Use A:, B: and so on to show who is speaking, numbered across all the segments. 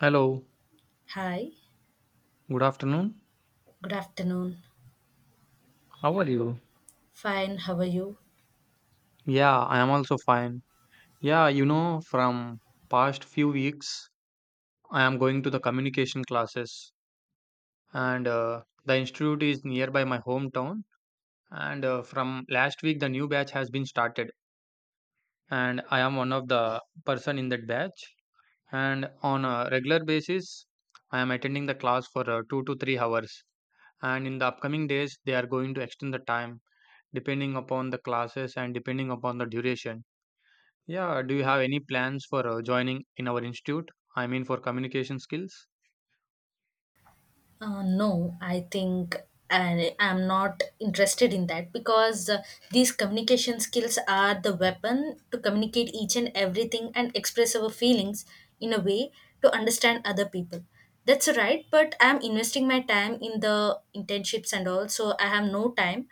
A: Hello,
B: Hi,
A: good afternoon.
B: good afternoon.
A: How are you?
B: Fine, how are you?
A: Yeah, I am also fine. From past few weeks, I am going to the communication classes, and the institute is nearby my hometown. And From last week, the new batch has been started, and I am one of the person in that batch. And on a regular basis, I am attending the class for 2 to 3 hours. And in the upcoming days, they are going to extend the time depending upon the classes and depending upon the duration. Yeah, do you have any plans for joining in our institute? I mean, for communication skills?
B: No, I think I am not interested in that because these communication skills are the weapon to communicate each and everything and express our feelings in a way to understand other people. That's right, but I am investing my time in the internships and all, so I have no time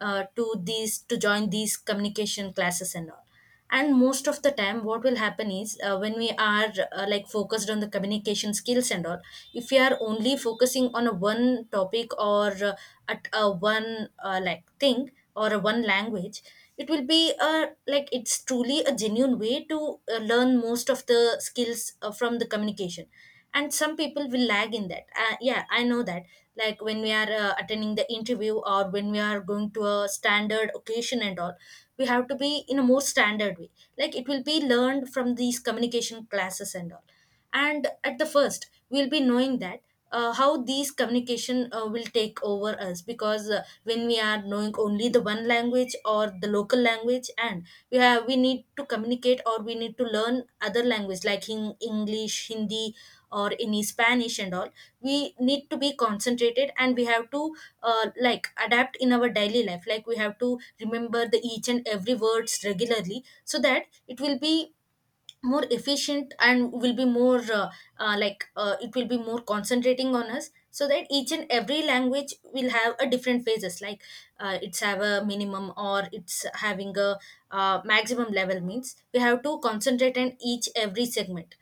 B: to join these communication classes and all. And most of the time what will happen is, when we are like focused on the communication skills and all, if we are only focusing on a one topic or at a one like thing or a one language, it will be, like it's truly a genuine way to learn most of the skills from the communication. And some people will lag in that, yeah, I know that. Like when we are, attending the interview, or when we are going to a standard occasion and all, we have to be in a more standard way, like it will be learned from these communication classes and all. And at the first we'll be knowing that, how these communication will take over us. Because when we are knowing only the one language or the local language, and we need to communicate or we need to learn other language like in english, hindi or any spanish and all, we need to be concentrated and we have to, like adapt in our daily life. Like we have to remember the each and every words regularly so that it will be more efficient and will be more, like, it will be more concentrating on us, so that each and every language will have a different phases, like, it's have a minimum or it's having a, maximum level means we have to concentrate on each every segment,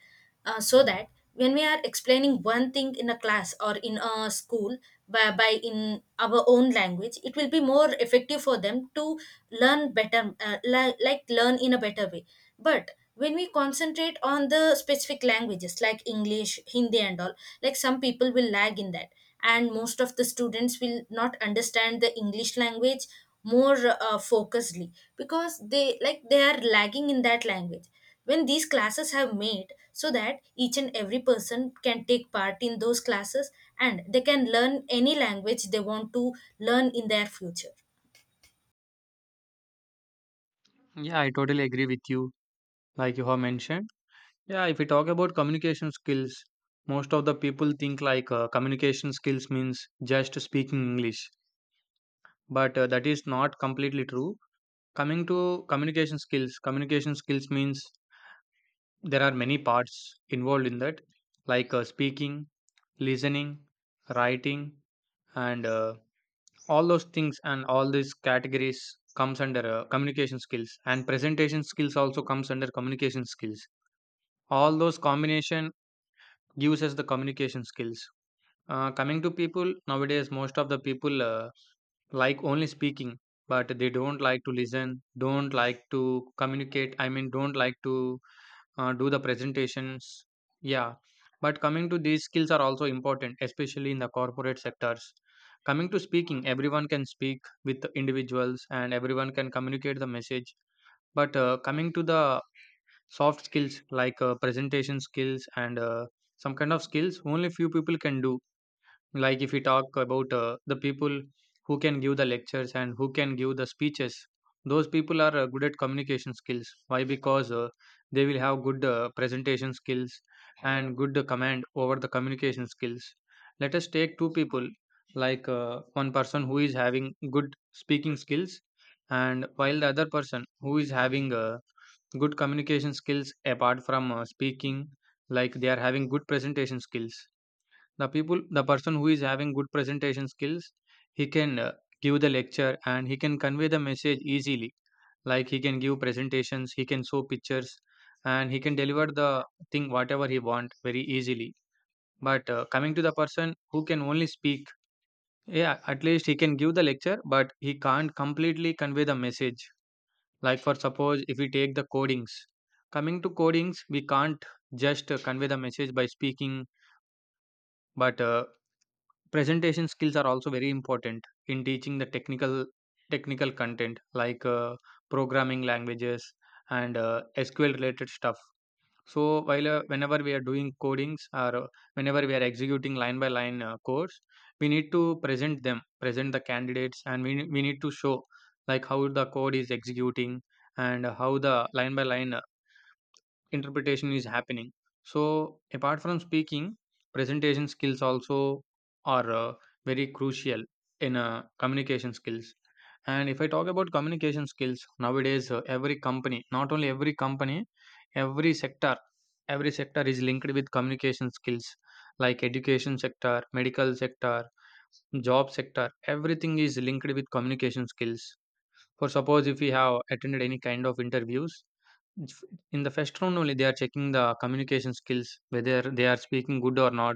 B: so that when we are explaining one thing in a class or in a school, by in our own language, it will be more effective for them to learn better, like learn in a better way. But when we concentrate on the specific languages like english, hindi and all, like some people will lag in that, and most of the students will not understand the english language more focusedly, because they, like they are lagging in that language. When these classes have made so that each and every person can take part in those classes, and they can learn any language they want to learn in their future.
A: Yeah, I totally agree with you, like you have mentioned. Yeah, if we talk about communication skills, most of the people think like communication skills means just speaking English, but that is not completely true. Coming to communication skills means there are many parts involved in that, like speaking, listening, writing, and all those things, and all these categories comes under communication skills, and presentation skills also comes under communication skills. All those combination gives us the communication skills. Coming to people nowadays, most of the people like only speaking, but they don't like to listen, don't like to communicate, I mean don't like to do the presentations. Yeah, but coming to these skills are also important, especially in the corporate sectors. Coming to speaking, everyone can speak with the individuals and everyone can communicate the message. But coming to the soft skills like presentation skills and some kind of skills, only few people can do. Like if we talk about the people who can give the lectures and who can give the speeches, those people are good at communication skills. Why? Because they will have good presentation skills and good command over the communication skills. Let us take two people, like one person who is having good speaking skills, and while the other person who is having good communication skills apart from speaking, like they are having good presentation skills. The the person who is having good presentation skills, he can give the lecture and he can convey the message easily. Like he can give presentations, he can show pictures, and he can deliver the thing whatever he want very easily. But coming to the person who can only speak, yeah, at least he can give the lecture, but he can't completely convey the message. Like for suppose if we take the codings, coming to codings, we can't just convey the message by speaking, but presentation skills are also very important in teaching the technical content like programming languages and SQL related stuff. So while whenever we are doing codings or whenever we are executing line by line codes, we need to present them, present the candidates, and we need to show like how the code is executing and how the line by line interpretation is happening. So apart from speaking, presentation skills also are very crucial in communication skills. And if I talk about communication skills nowadays, every company not only every company, every sector, every sector is linked with communication skills, like education sector, medical sector, job sector, everything is linked with communication skills. For suppose if we have attended any kind of interviews, it's f in the first round only they are checking the communication skills, whether they are speaking good or not.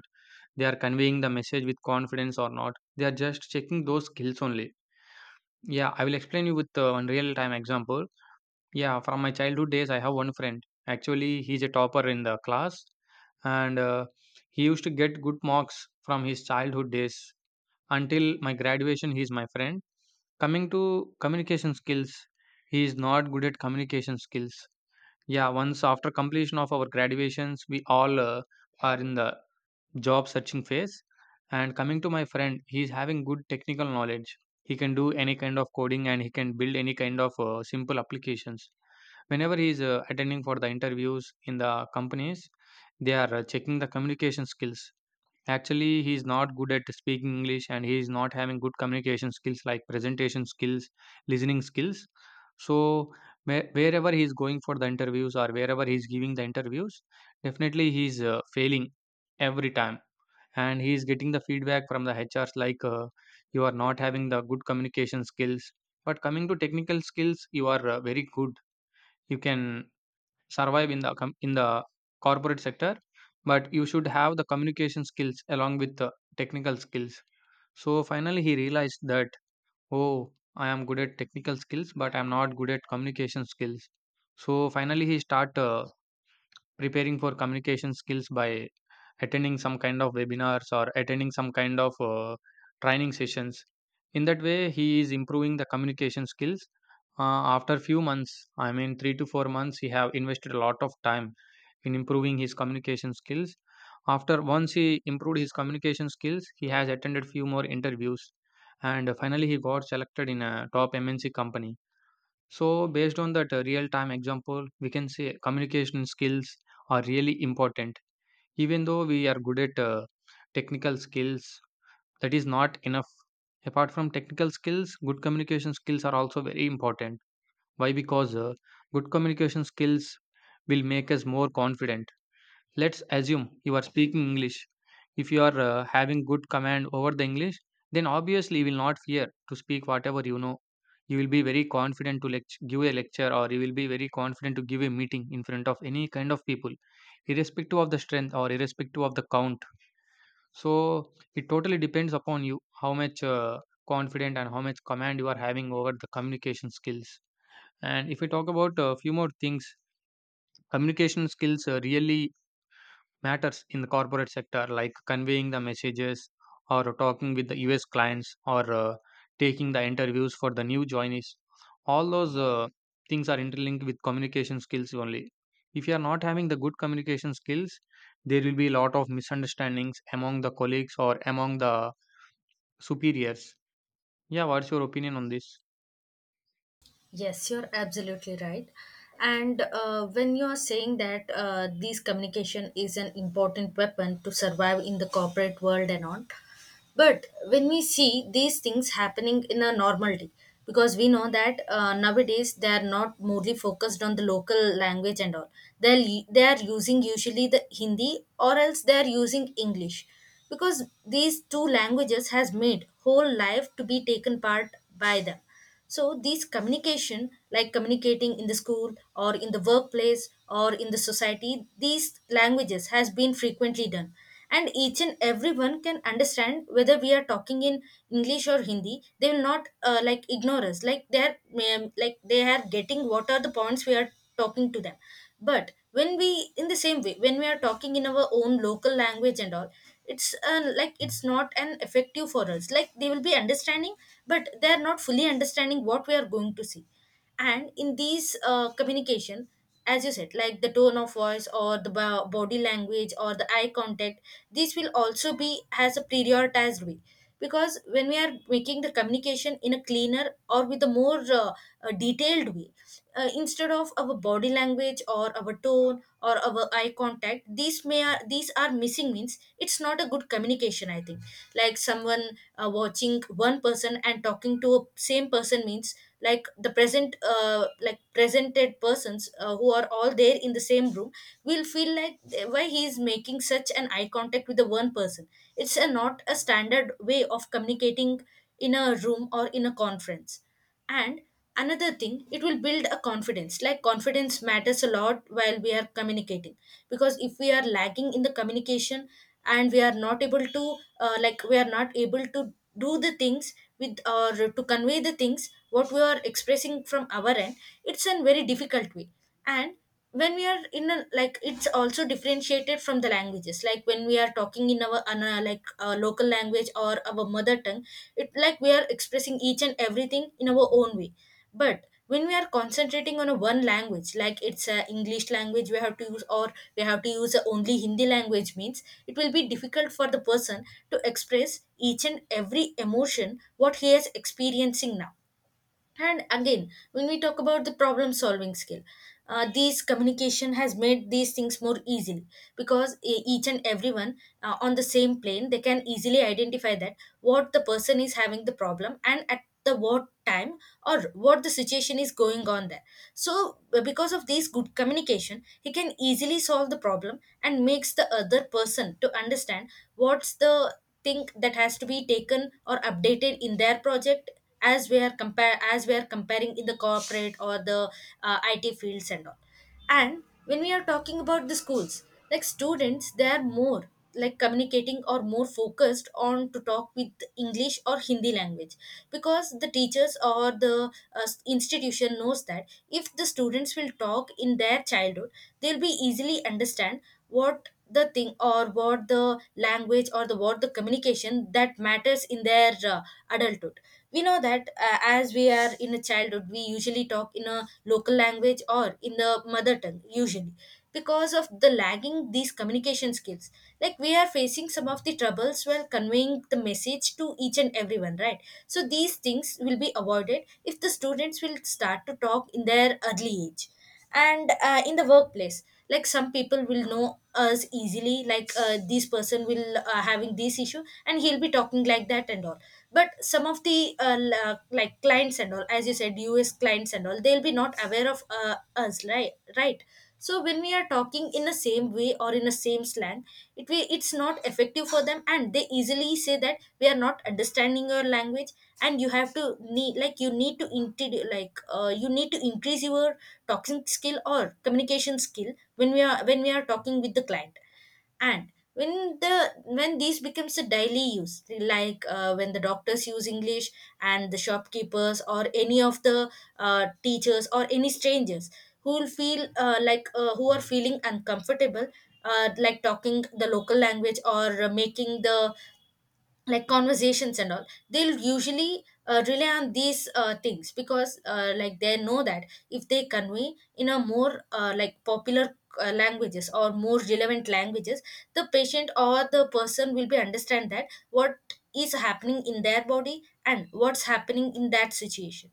A: They are conveying the message with confidence or not. They are just checking those skills only. Yeah, I will explain you with one real time example. Yeah, from my childhood days, I have one friend. Actually, he's a topper in the class, and he used to get good marks from his childhood days until my graduation. He's my friend. Coming to communication skills, he is not good at communication skills. Yeah, once after completion of our graduations, we all are in the job searching phase. And coming to my friend, he's having good technical knowledge. He can do any kind of coding and he can build any kind of simple applications. Whenever he's attending for the interviews in the companies, they are checking the communication skills. Actually, he is not good at speaking English and he is not having good communication skills like presentation skills, listening skills. So, wherever he is going for the interviews or wherever he is giving the interviews, definitely he's failing every time. And he is getting the feedback from the HRs like you are not having the good communication skills. But coming to technical skills, you are very good. You can survive in the in the corporate sector, but you should have the communication skills along with the technical skills. So finally he realized that, oh, I am good at technical skills but I'm not good at communication skills. So finally he start preparing for communication skills by attending some kind of webinars or attending some kind of training sessions. In that way he is improving the communication skills. After few months, I mean 3 to 4 months, he have invested a lot of time in improving his communication skills. After once he improved his communication skills, he has attended few more interviews and finally he got selected in a top MNC company. So, based on that real time example, we can say communication skills are really important. Even though we are good at technical skills, that is not enough. Apart from technical skills, good communication skills are also very important. Why? Because good communication skills will make us more confident. Let's assume you are speaking English. If you are having good command over the English, then obviously you will not fear to speak whatever you know. You will be very confident to give a lecture, or you will be very confident to give a meeting in front of any kind of people, irrespective of the strength or irrespective of the count. So it totally depends upon you how much confident and how much command you are having over the communication skills. And if we talk about a few more things, communication skills really matters in the corporate sector, like conveying the messages or talking with the US clients or taking the interviews for the new joinees. All those things are interlinked with communication skills only. If you are not having the good communication skills, there will be a lot of misunderstandings among the colleagues or among the superiors. Yeah, what's your opinion on this?
B: Yes, you're absolutely right. And when you are saying that, this communication is an important weapon to survive in the corporate world and all, but when we see these things happening in a normal day, because we know that, nowadays they are not mostly focused on the local language and all. They'll, they are using usually the Hindi, or else they are using English. Because these two languages has made whole life to be taken part by them. So these communication, like communicating in the school or in the workplace or in the society, these languages has been frequently done. And each and everyone can understand whether we are talking in english or hindi, they will not, like, ignore us. Like they are, like they are getting what are the points we are talking to them. But when we, in the same way, when we are talking in our own local language and all, it's, like it's not an effective for us. Like they will be understanding, but they are not fully understanding what we are going to see. And in these communication, as you said, like the tone of voice or the body language or the eye contact, these will also be has a prioritized way. Because when we are making the communication in a cleaner or with a more, detailed way, instead of our body language or our tone or our eye contact, these are missing means it's not a good communication, I think. Like someone, watching one person and talking to a same person, means like the present, like presented persons, who are all there in the same room, will feel like, eh, why he is making such an eye contact with the one person. It's a, not a standard way of communicating in a room or in a conference. And another thing, it will build a confidence. Like confidence matters a lot while we are communicating, because if we are lagging in the communication, and we are not able to, like we are not able to do the things with, or to convey the things what we are expressing from our end, it's a very difficult way. And when we are in a, like it's also differentiated from the languages, like when we are talking in our ana like our local language or our mother tongue, it like we are expressing each and everything in our own way. But when we are concentrating on a one language, like it's a english language we have to use, or we have to use a only hindi language, means it will be difficult for the person to express each and every emotion what he is experiencing now. And again, when we talk about the problem solving skill, these communication has made these things more easily, because each and everyone, on the same plane, they can easily identify that what the person is having the problem, and at the what time or what the situation is going on there. So because of this good communication, he can easily solve the problem and makes the other person to understand what's the thing that has to be taken or updated in their project, as we are comparing in the corporate or the IT fields and all. And when we are talking about the schools, like students, they are more like communicating or more focused on to talk with English or Hindi language, because the teachers or the institution knows that if the students will talk in their childhood, they'll be easily understand what the thing or what the language or the what the communication that matters in their adulthood. We know that, as we are in a childhood, we usually talk in a local language or in the mother tongue usually. Because of the lagging these communication skills, like we are facing some of the troubles while conveying the message to each and everyone, right? So these things will be avoided if the students will start to talk in their early age. And in the workplace, like some people will know us easily, like, this person will, having this issue and he'll be talking like that and all. But some of the like clients and all, as you said, us clients and all, they'll be not aware of us, right, right. So when we are talking in the same way or in the same slang, it's not effective for them, and they easily say that we are not understanding your language. And you have to need, like you need to you need to increase your talking skill or communication skill when we are, when we are talking with the client. And when these becomes a daily use, like, when the doctors use english, and the shopkeepers or any of the teachers or any strangers who will feel, who are feeling uncomfortable, like talking the local language, or making the, like, conversations and all, they'll usually rely on these things. Because like they know that if they convey in a more, like popular, languages or more relevant languages, the patient or the person will be understand that what is happening in their body and what's happening in that situation.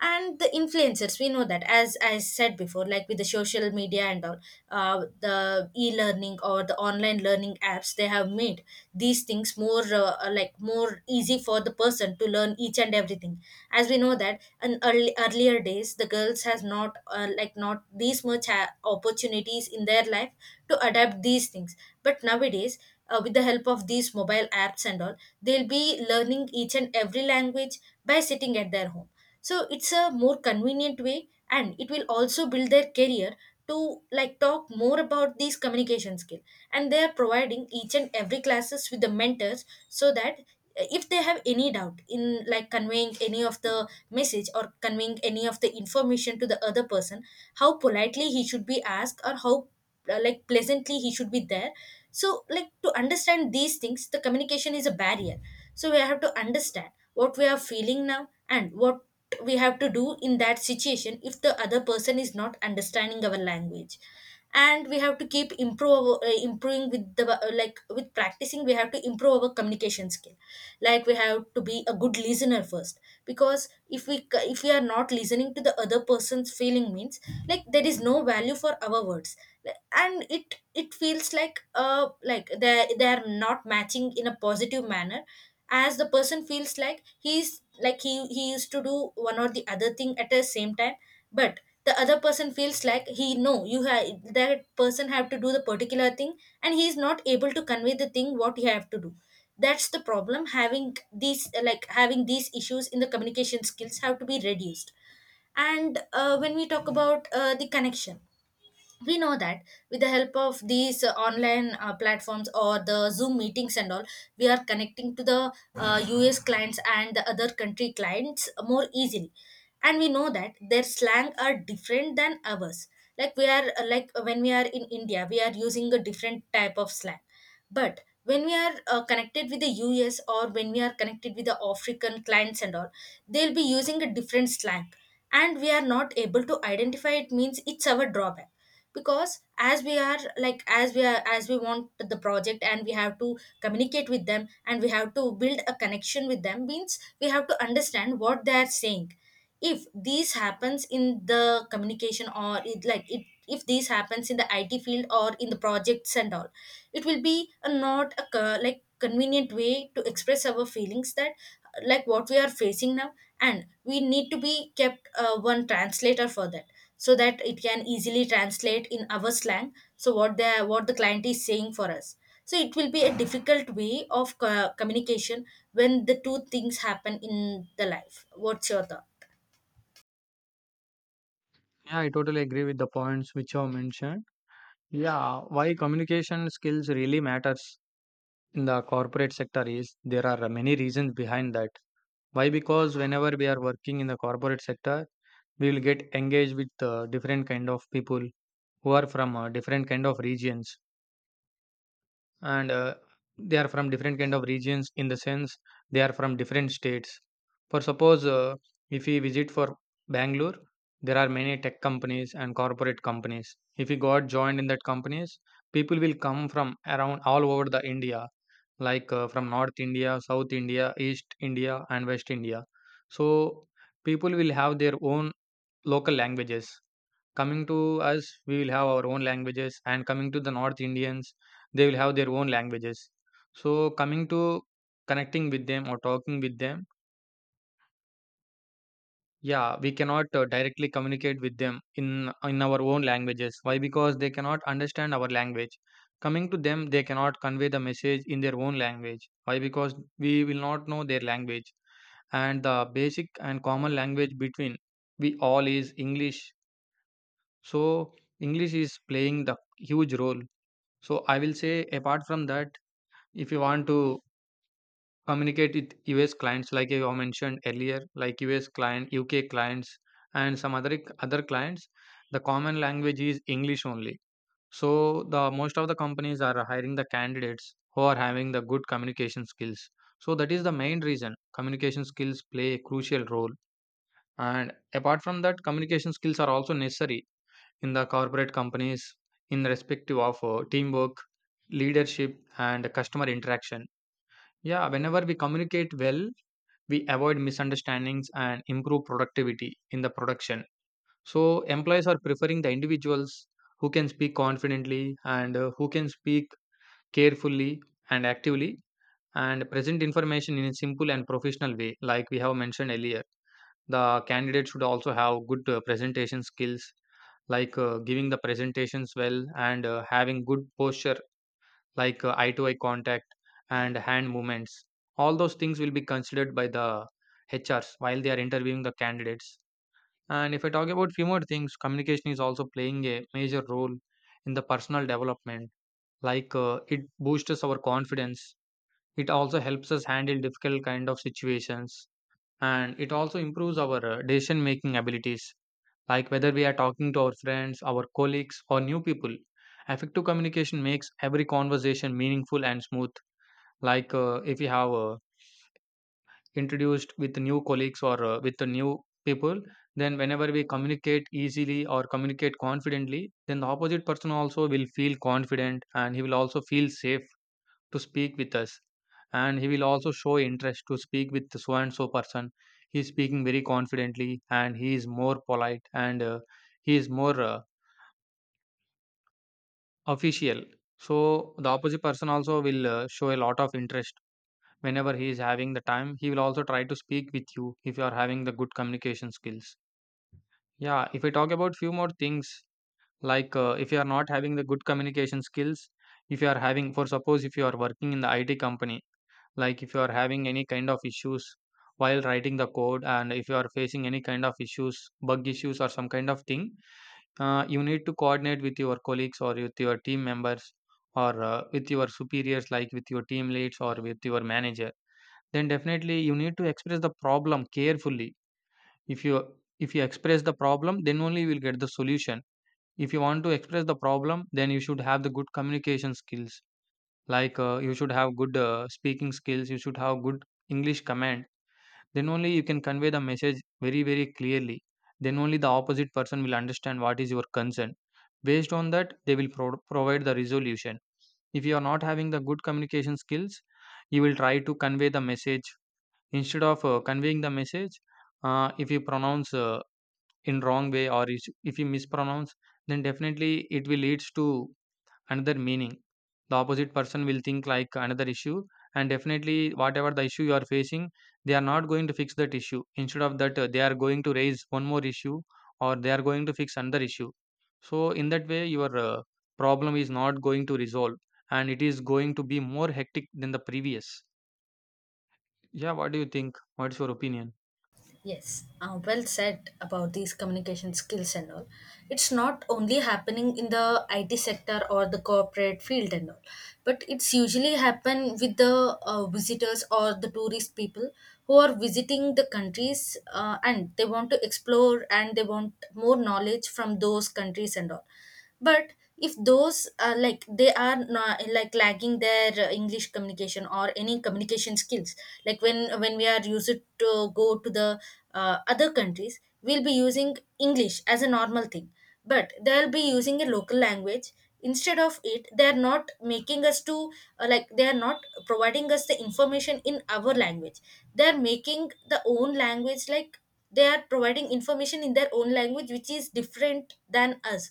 B: And the influencers, we know that, as I said before, like with the social media and all, the e-learning or the online learning apps, they have made these things more, like more easy for the person to learn each and everything. As we know that in earlier days, the girls has not, like not these much opportunities in their life to adapt these things. But nowadays, with the help of these mobile apps and all, they'll be learning each and every language by sitting at their home. So it's a more convenient way, and it will also build their career to, like, talk more about these communication skill. And they are providing each and every classes with the mentors, so that, if they have any doubt in, like, conveying any of the message or conveying any of The information to the other person. How politely he should be asked, or how like pleasantly he should be there. So like to understand these things, the communication is a barrier. So we have to understand what we are feeling now and what we have to do in that situation if the other person is not understanding our language. And we have to keep improve improving with the like with practicing, we have to improve our communication skill. Like we have to be a good listener first, because if we are not listening to the other person's feeling means, like there is no value for our words. And it feels like they are not matching in a positive manner. As the person feels like he's like he used to do one or the other thing at the same time, but the other person feels like, he, no, you have, that person have to do the particular thing, and he is not able to convey the thing what he have to do. That's the problem. Having these, like having these issues in the communication skills have to be reduced. And when we talk about the connection, we know that with the help of these online platforms or the Zoom meetings and all, we are connecting to the US clients and the other country clients more easily. And we know that their slang are different than ours. Like we are like when we are in India, we are using a different type of slang, but when we are connected with the US, or when we are connected with the African clients and all, they'll be using a different slang, and we are not able to identify, it means it's our drawback. Because as we are like, as we are, as we want the project and we have to communicate with them and we have to build a connection with them means, we have to understand what they are saying. If this happens in the communication, or it like it, if this happens in the IT field or in the projects and all, it will be a not a like convenient way to express our feelings, that like what we are facing now. And we need to be kept one translator for that, so that it can easily translate in our slang, so what the, what the client is saying for us. So it will be a difficult way of communication. When the two things happen in the life, what's your thought?
A: Yeah, I totally agree with the points which you have mentioned. Yeah, why communication skills really matters in the corporate sector is there are many reasons behind that. Why? Because whenever we are working in the corporate sector, we will get engaged with different kind of people who are from different kind of regions, and they are from different kind of regions in the sense they are from different states. For suppose, if we visit for Bangalore, there are many tech companies and corporate companies. If we got joined in that companies, people will come from around all over the India, like from North India, South India, East India, and West India. So people will have their own local languages. Coming to us, we will have our own languages, and coming to the North Indians, they will have their own languages. So, coming to connecting with them or talking with them, yeah, we cannot directly communicate with them in our own languages. Why? Because they cannot understand our language. Coming to them, they cannot convey the message in their own language. Why? Because we will not know their language, and the basic and common language between we all is English. So English is playing the huge role. So I will say apart from that, if you want to communicate with US clients, like you have mentioned earlier, like US client, UK clients, and some other clients, the common language is English only. So the most of the companies are hiring the candidates who are having the good communication skills. So that is the main reason communication skills play a crucial role. And apart from that, communication skills are also necessary in the corporate companies in respective of teamwork, leadership and customer interaction. Yeah, whenever we communicate well, we avoid misunderstandings and improve productivity in the production. So employees are preferring the individuals who can speak confidently and, who can speak carefully and actively and present information in a simple and professional way. Like we have mentioned earlier, the candidate should also have good presentation skills, like giving the presentations well and having good posture, like eye to eye contact and hand movements. All those things will be considered by the HRs while they are interviewing the candidates. And if I talk about few more things, communication is also playing a major role in the personal development. Like it boosts our confidence. It also helps us handle difficult kind of situations, and it also improves our decision making abilities. Like whether we are talking to our friends, our colleagues or new people, effective communication makes every conversation meaningful and smooth. Like if we have introduced with new colleagues or with the new people, then whenever we communicate easily or communicate confidently, then the opposite person also will feel confident and he will also feel safe to speak with us. And he will also show interest to speak with so and so person. He is speaking very confidently and he is more polite and, he is more official. So the opposite person also will show a lot of interest. Whenever he is having the time, he will also try to speak with you if you are having the good communication skills. Yeah, if I talk about few more things, like if you are not having the good communication skills, if you are having, for suppose, if you are working in the IT company, like if you are having any kind of issues while writing the code, and if you are facing any kind of issues, bug issues or some kind of thing, you need to coordinate with your colleagues or with your team members or with your superiors, like with your team leads or with your manager, then definitely you need to express the problem carefully. If you, if you express the problem, then only you will get the solution. If you want to express the problem, then you should have the good communication skills. Like, you should have good speaking skills, you should have good English command. Then only you can convey the message very, very clearly. Then only the opposite person will understand what is your concern. Based on that, they will provide the resolution. If you are not having the good communication skills, you will try to convey the message. Instead of conveying the message, if you pronounce in wrong way or if you mispronounce, then definitely it will leads to another meaning. The opposite person will think like another issue, and definitely, whatever the issue you are facing, they are not going to fix that issue. Instead of that, they are going to raise one more issue or they are going to fix another issue. So, in that way, your problem is not going to resolve and it is going to be more hectic than the previous. Yeah, what do you think? What's your opinion?
B: Yes, well said about these communication skills and all. It's not only happening in the IT sector or the corporate field and all, but it's usually happen with the visitors or the tourist people who are visiting the countries, and they want to explore and they want more knowledge from those countries and all. But if those are like they are not, like lagging their English communication or any communication skills, like when we are used to go to the other countries, we'll be using English as a normal thing, but they'll be using a local language. Instead of it, they are not making us to, like they are not providing us the information in our language. They are making the own language, like they are providing information in their own language, which is different than us.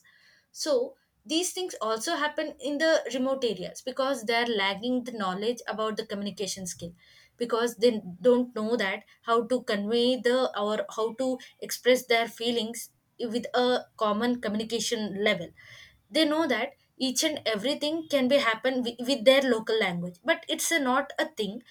B: So these things also happen in the remote areas, because they're lacking the knowledge about the communication skill. Because they don't know that how to convey the, or how to express their feelings with a common communication level. They know that each and everything can be happen with their local language, but it's a, not a thing.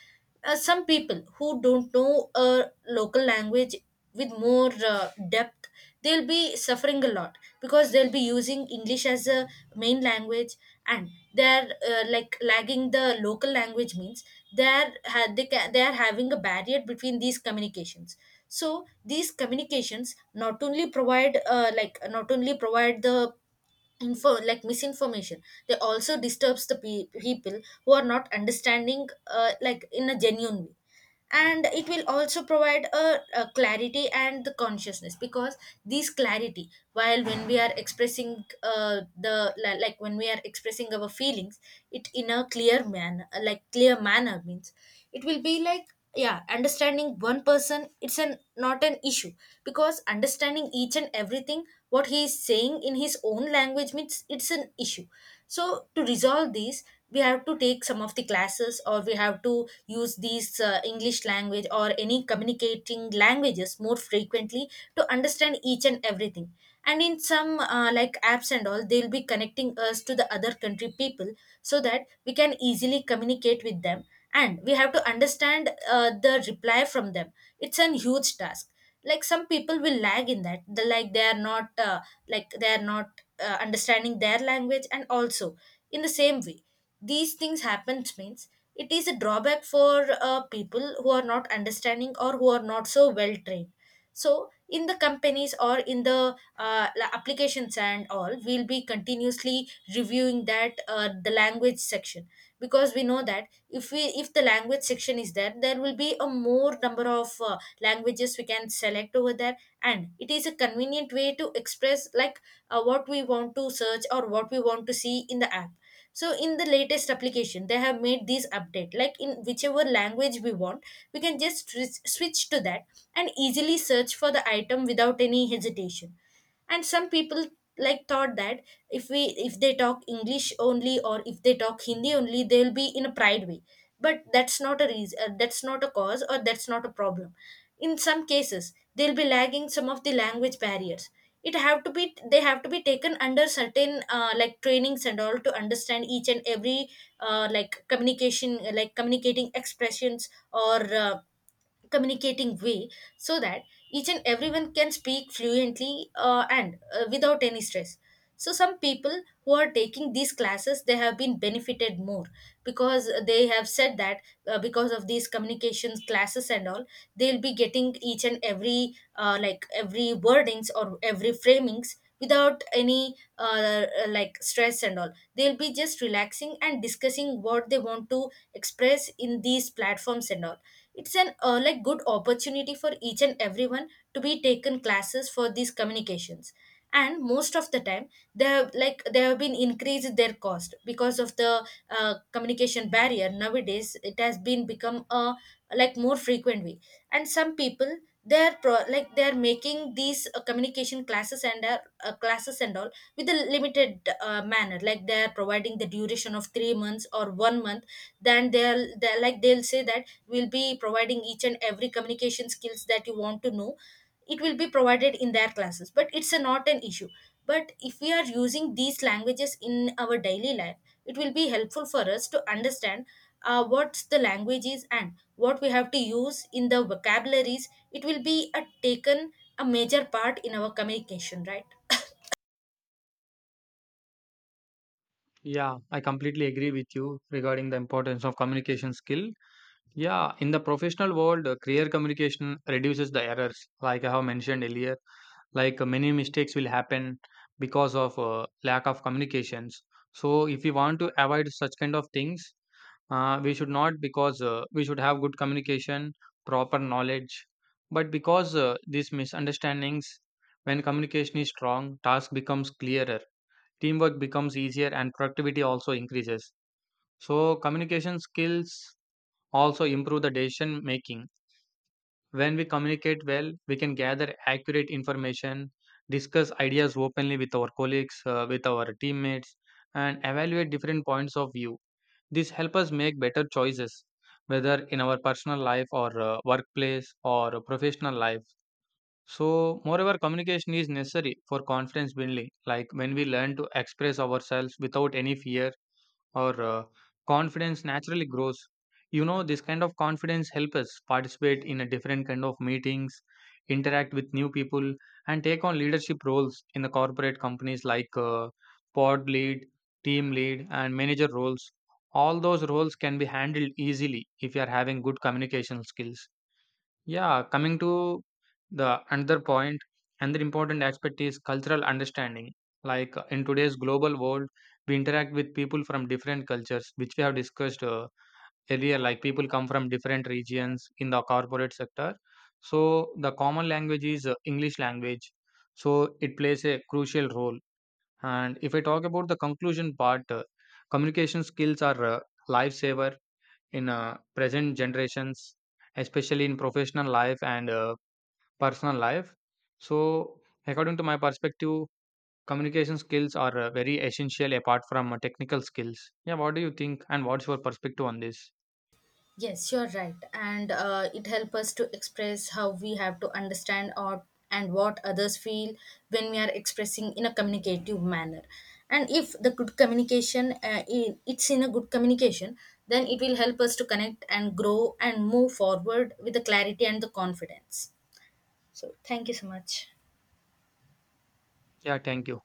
B: Some people who don't know a local language with more depth, they'll be suffering a lot, because they'll be using English as a main language. And they're like lagging the local language means, they're ha- they ca- they're having a barrier between these communications. So these communications not only provide like not only provide the info like misinformation, they also disturbs the people who are not understanding like in a genuine way. And it will also provide a clarity and the consciousness. Because this clarity, while when we are expressing the like when we are expressing our feelings, it in a clear manner, like clear manner means, it will be like, yeah, understanding one person, it's an not an issue. Because understanding each and everything what he is saying in his own language means, it's an issue. So to resolve these, we have to take some of the classes or we have to use these English language or any communicating languages more frequently, to understand each and everything. And in some like apps and all, they'll be connecting us to the other country people, so that we can easily communicate with them. And we have to understand the reply from them. It's a huge task. Like some people will lag in that, the, like they are not like they are not understanding their language. And also in the same way these things happen means, it is a drawback for people who are not understanding or who are not so well trained. So in the companies or in the applications and all, we'll be continuously reviewing that the language section. Because we know that if we, if the language section is there, there will be a more number of languages we can select over there. And it is a convenient way to express, like what we want to search or what we want to see in the app. So in the latest application, they have made this update, like in whichever language we want, we can just switch to that and easily search for the item without any hesitation. And some people like thought that, if we, if they talk English only or if they talk Hindi only, they'll be in a pride way. But that's not a reason, that's not a cause, or that's not a problem. In some cases, they'll be lagging some of the language barriers. It have to be, they have to be taken under certain like trainings and all, to understand each and every like communication, like communicating expressions or uh, communicating way. So that each and everyone can speak fluently and without any stress. So some people who are taking these classes, they have been benefited more. Because they have said that, because of these communications classes and all, they'll be getting each and every like every wordings or every framings, without any like stress and all, they'll be just relaxing and discussing what they want to express in these platforms and all. It's an like good opportunity for each and everyone to be taken classes for these communications. And most of the time, they have like they have been increased their cost, because of the communication barrier. Nowadays it has been become a like more frequent way. And some people, they're like they're making these communication classes and classes and all with a limited manner. Like they're providing the duration of 3 months or 1 month, then they're like they'll say that, will be providing each and every communication skills that you want to know, it will be provided in their classes. But it's a, not an issue. But if we are using these languages in our daily life, it will be helpful for us to understand what the language is, and what we have to use in the vocabularies. It will be a taken a major part in our communication, right?
A: Yeah, I completely agree with you regarding the importance of communication skill. Yeah, in the professional world, clear communication reduces the errors, like I have mentioned earlier. Like many mistakes will happen because of lack of communications. So, if we want to avoid such kind of things, we should not because we should have good communication, proper knowledge. But because these misunderstandings, when communication is strong, task becomes clearer, teamwork becomes easier, and productivity also increases. So, communication skills also improve the decision making. When we communicate well, we can gather accurate information, discuss ideas openly with our colleagues, with our teammates, and evaluate different points of view. This helps us make better choices, whether in our personal life or workplace or professional life. So, moreover, communication is necessary for confidence building. Like when we learn to express ourselves without any fear or confidence naturally grows. You know this kind of confidence helps us participate in a different kind of meetings, interact with new people, and take on leadership roles in the corporate companies, like pod lead, team lead and manager roles. All those roles can be handled easily if you are having good communication skills. Yeah, coming to the another point, another important aspect is cultural understanding. Like in today's global world, we interact with people from different cultures, which we have discussed earlier. Like people come from different regions in the corporate sector. So the common language is English language. So it plays a crucial role. And if I talk about the conclusion part, communication skills are lifesaver in present generations, especially in professional life and personal life. So, according to my perspective, communication skills are very essential apart from technical skills. Yeah, what do you think, and what's your perspective on this?
B: Yes, you're right. And it helps us to express how we have to understand, or and what others feel when we are expressing in a communicative manner. And if the good communication, it's in a good communication, then it will help us to connect and grow and move forward with the clarity and the confidence. So, thank you so much.
A: Yeah, thank you.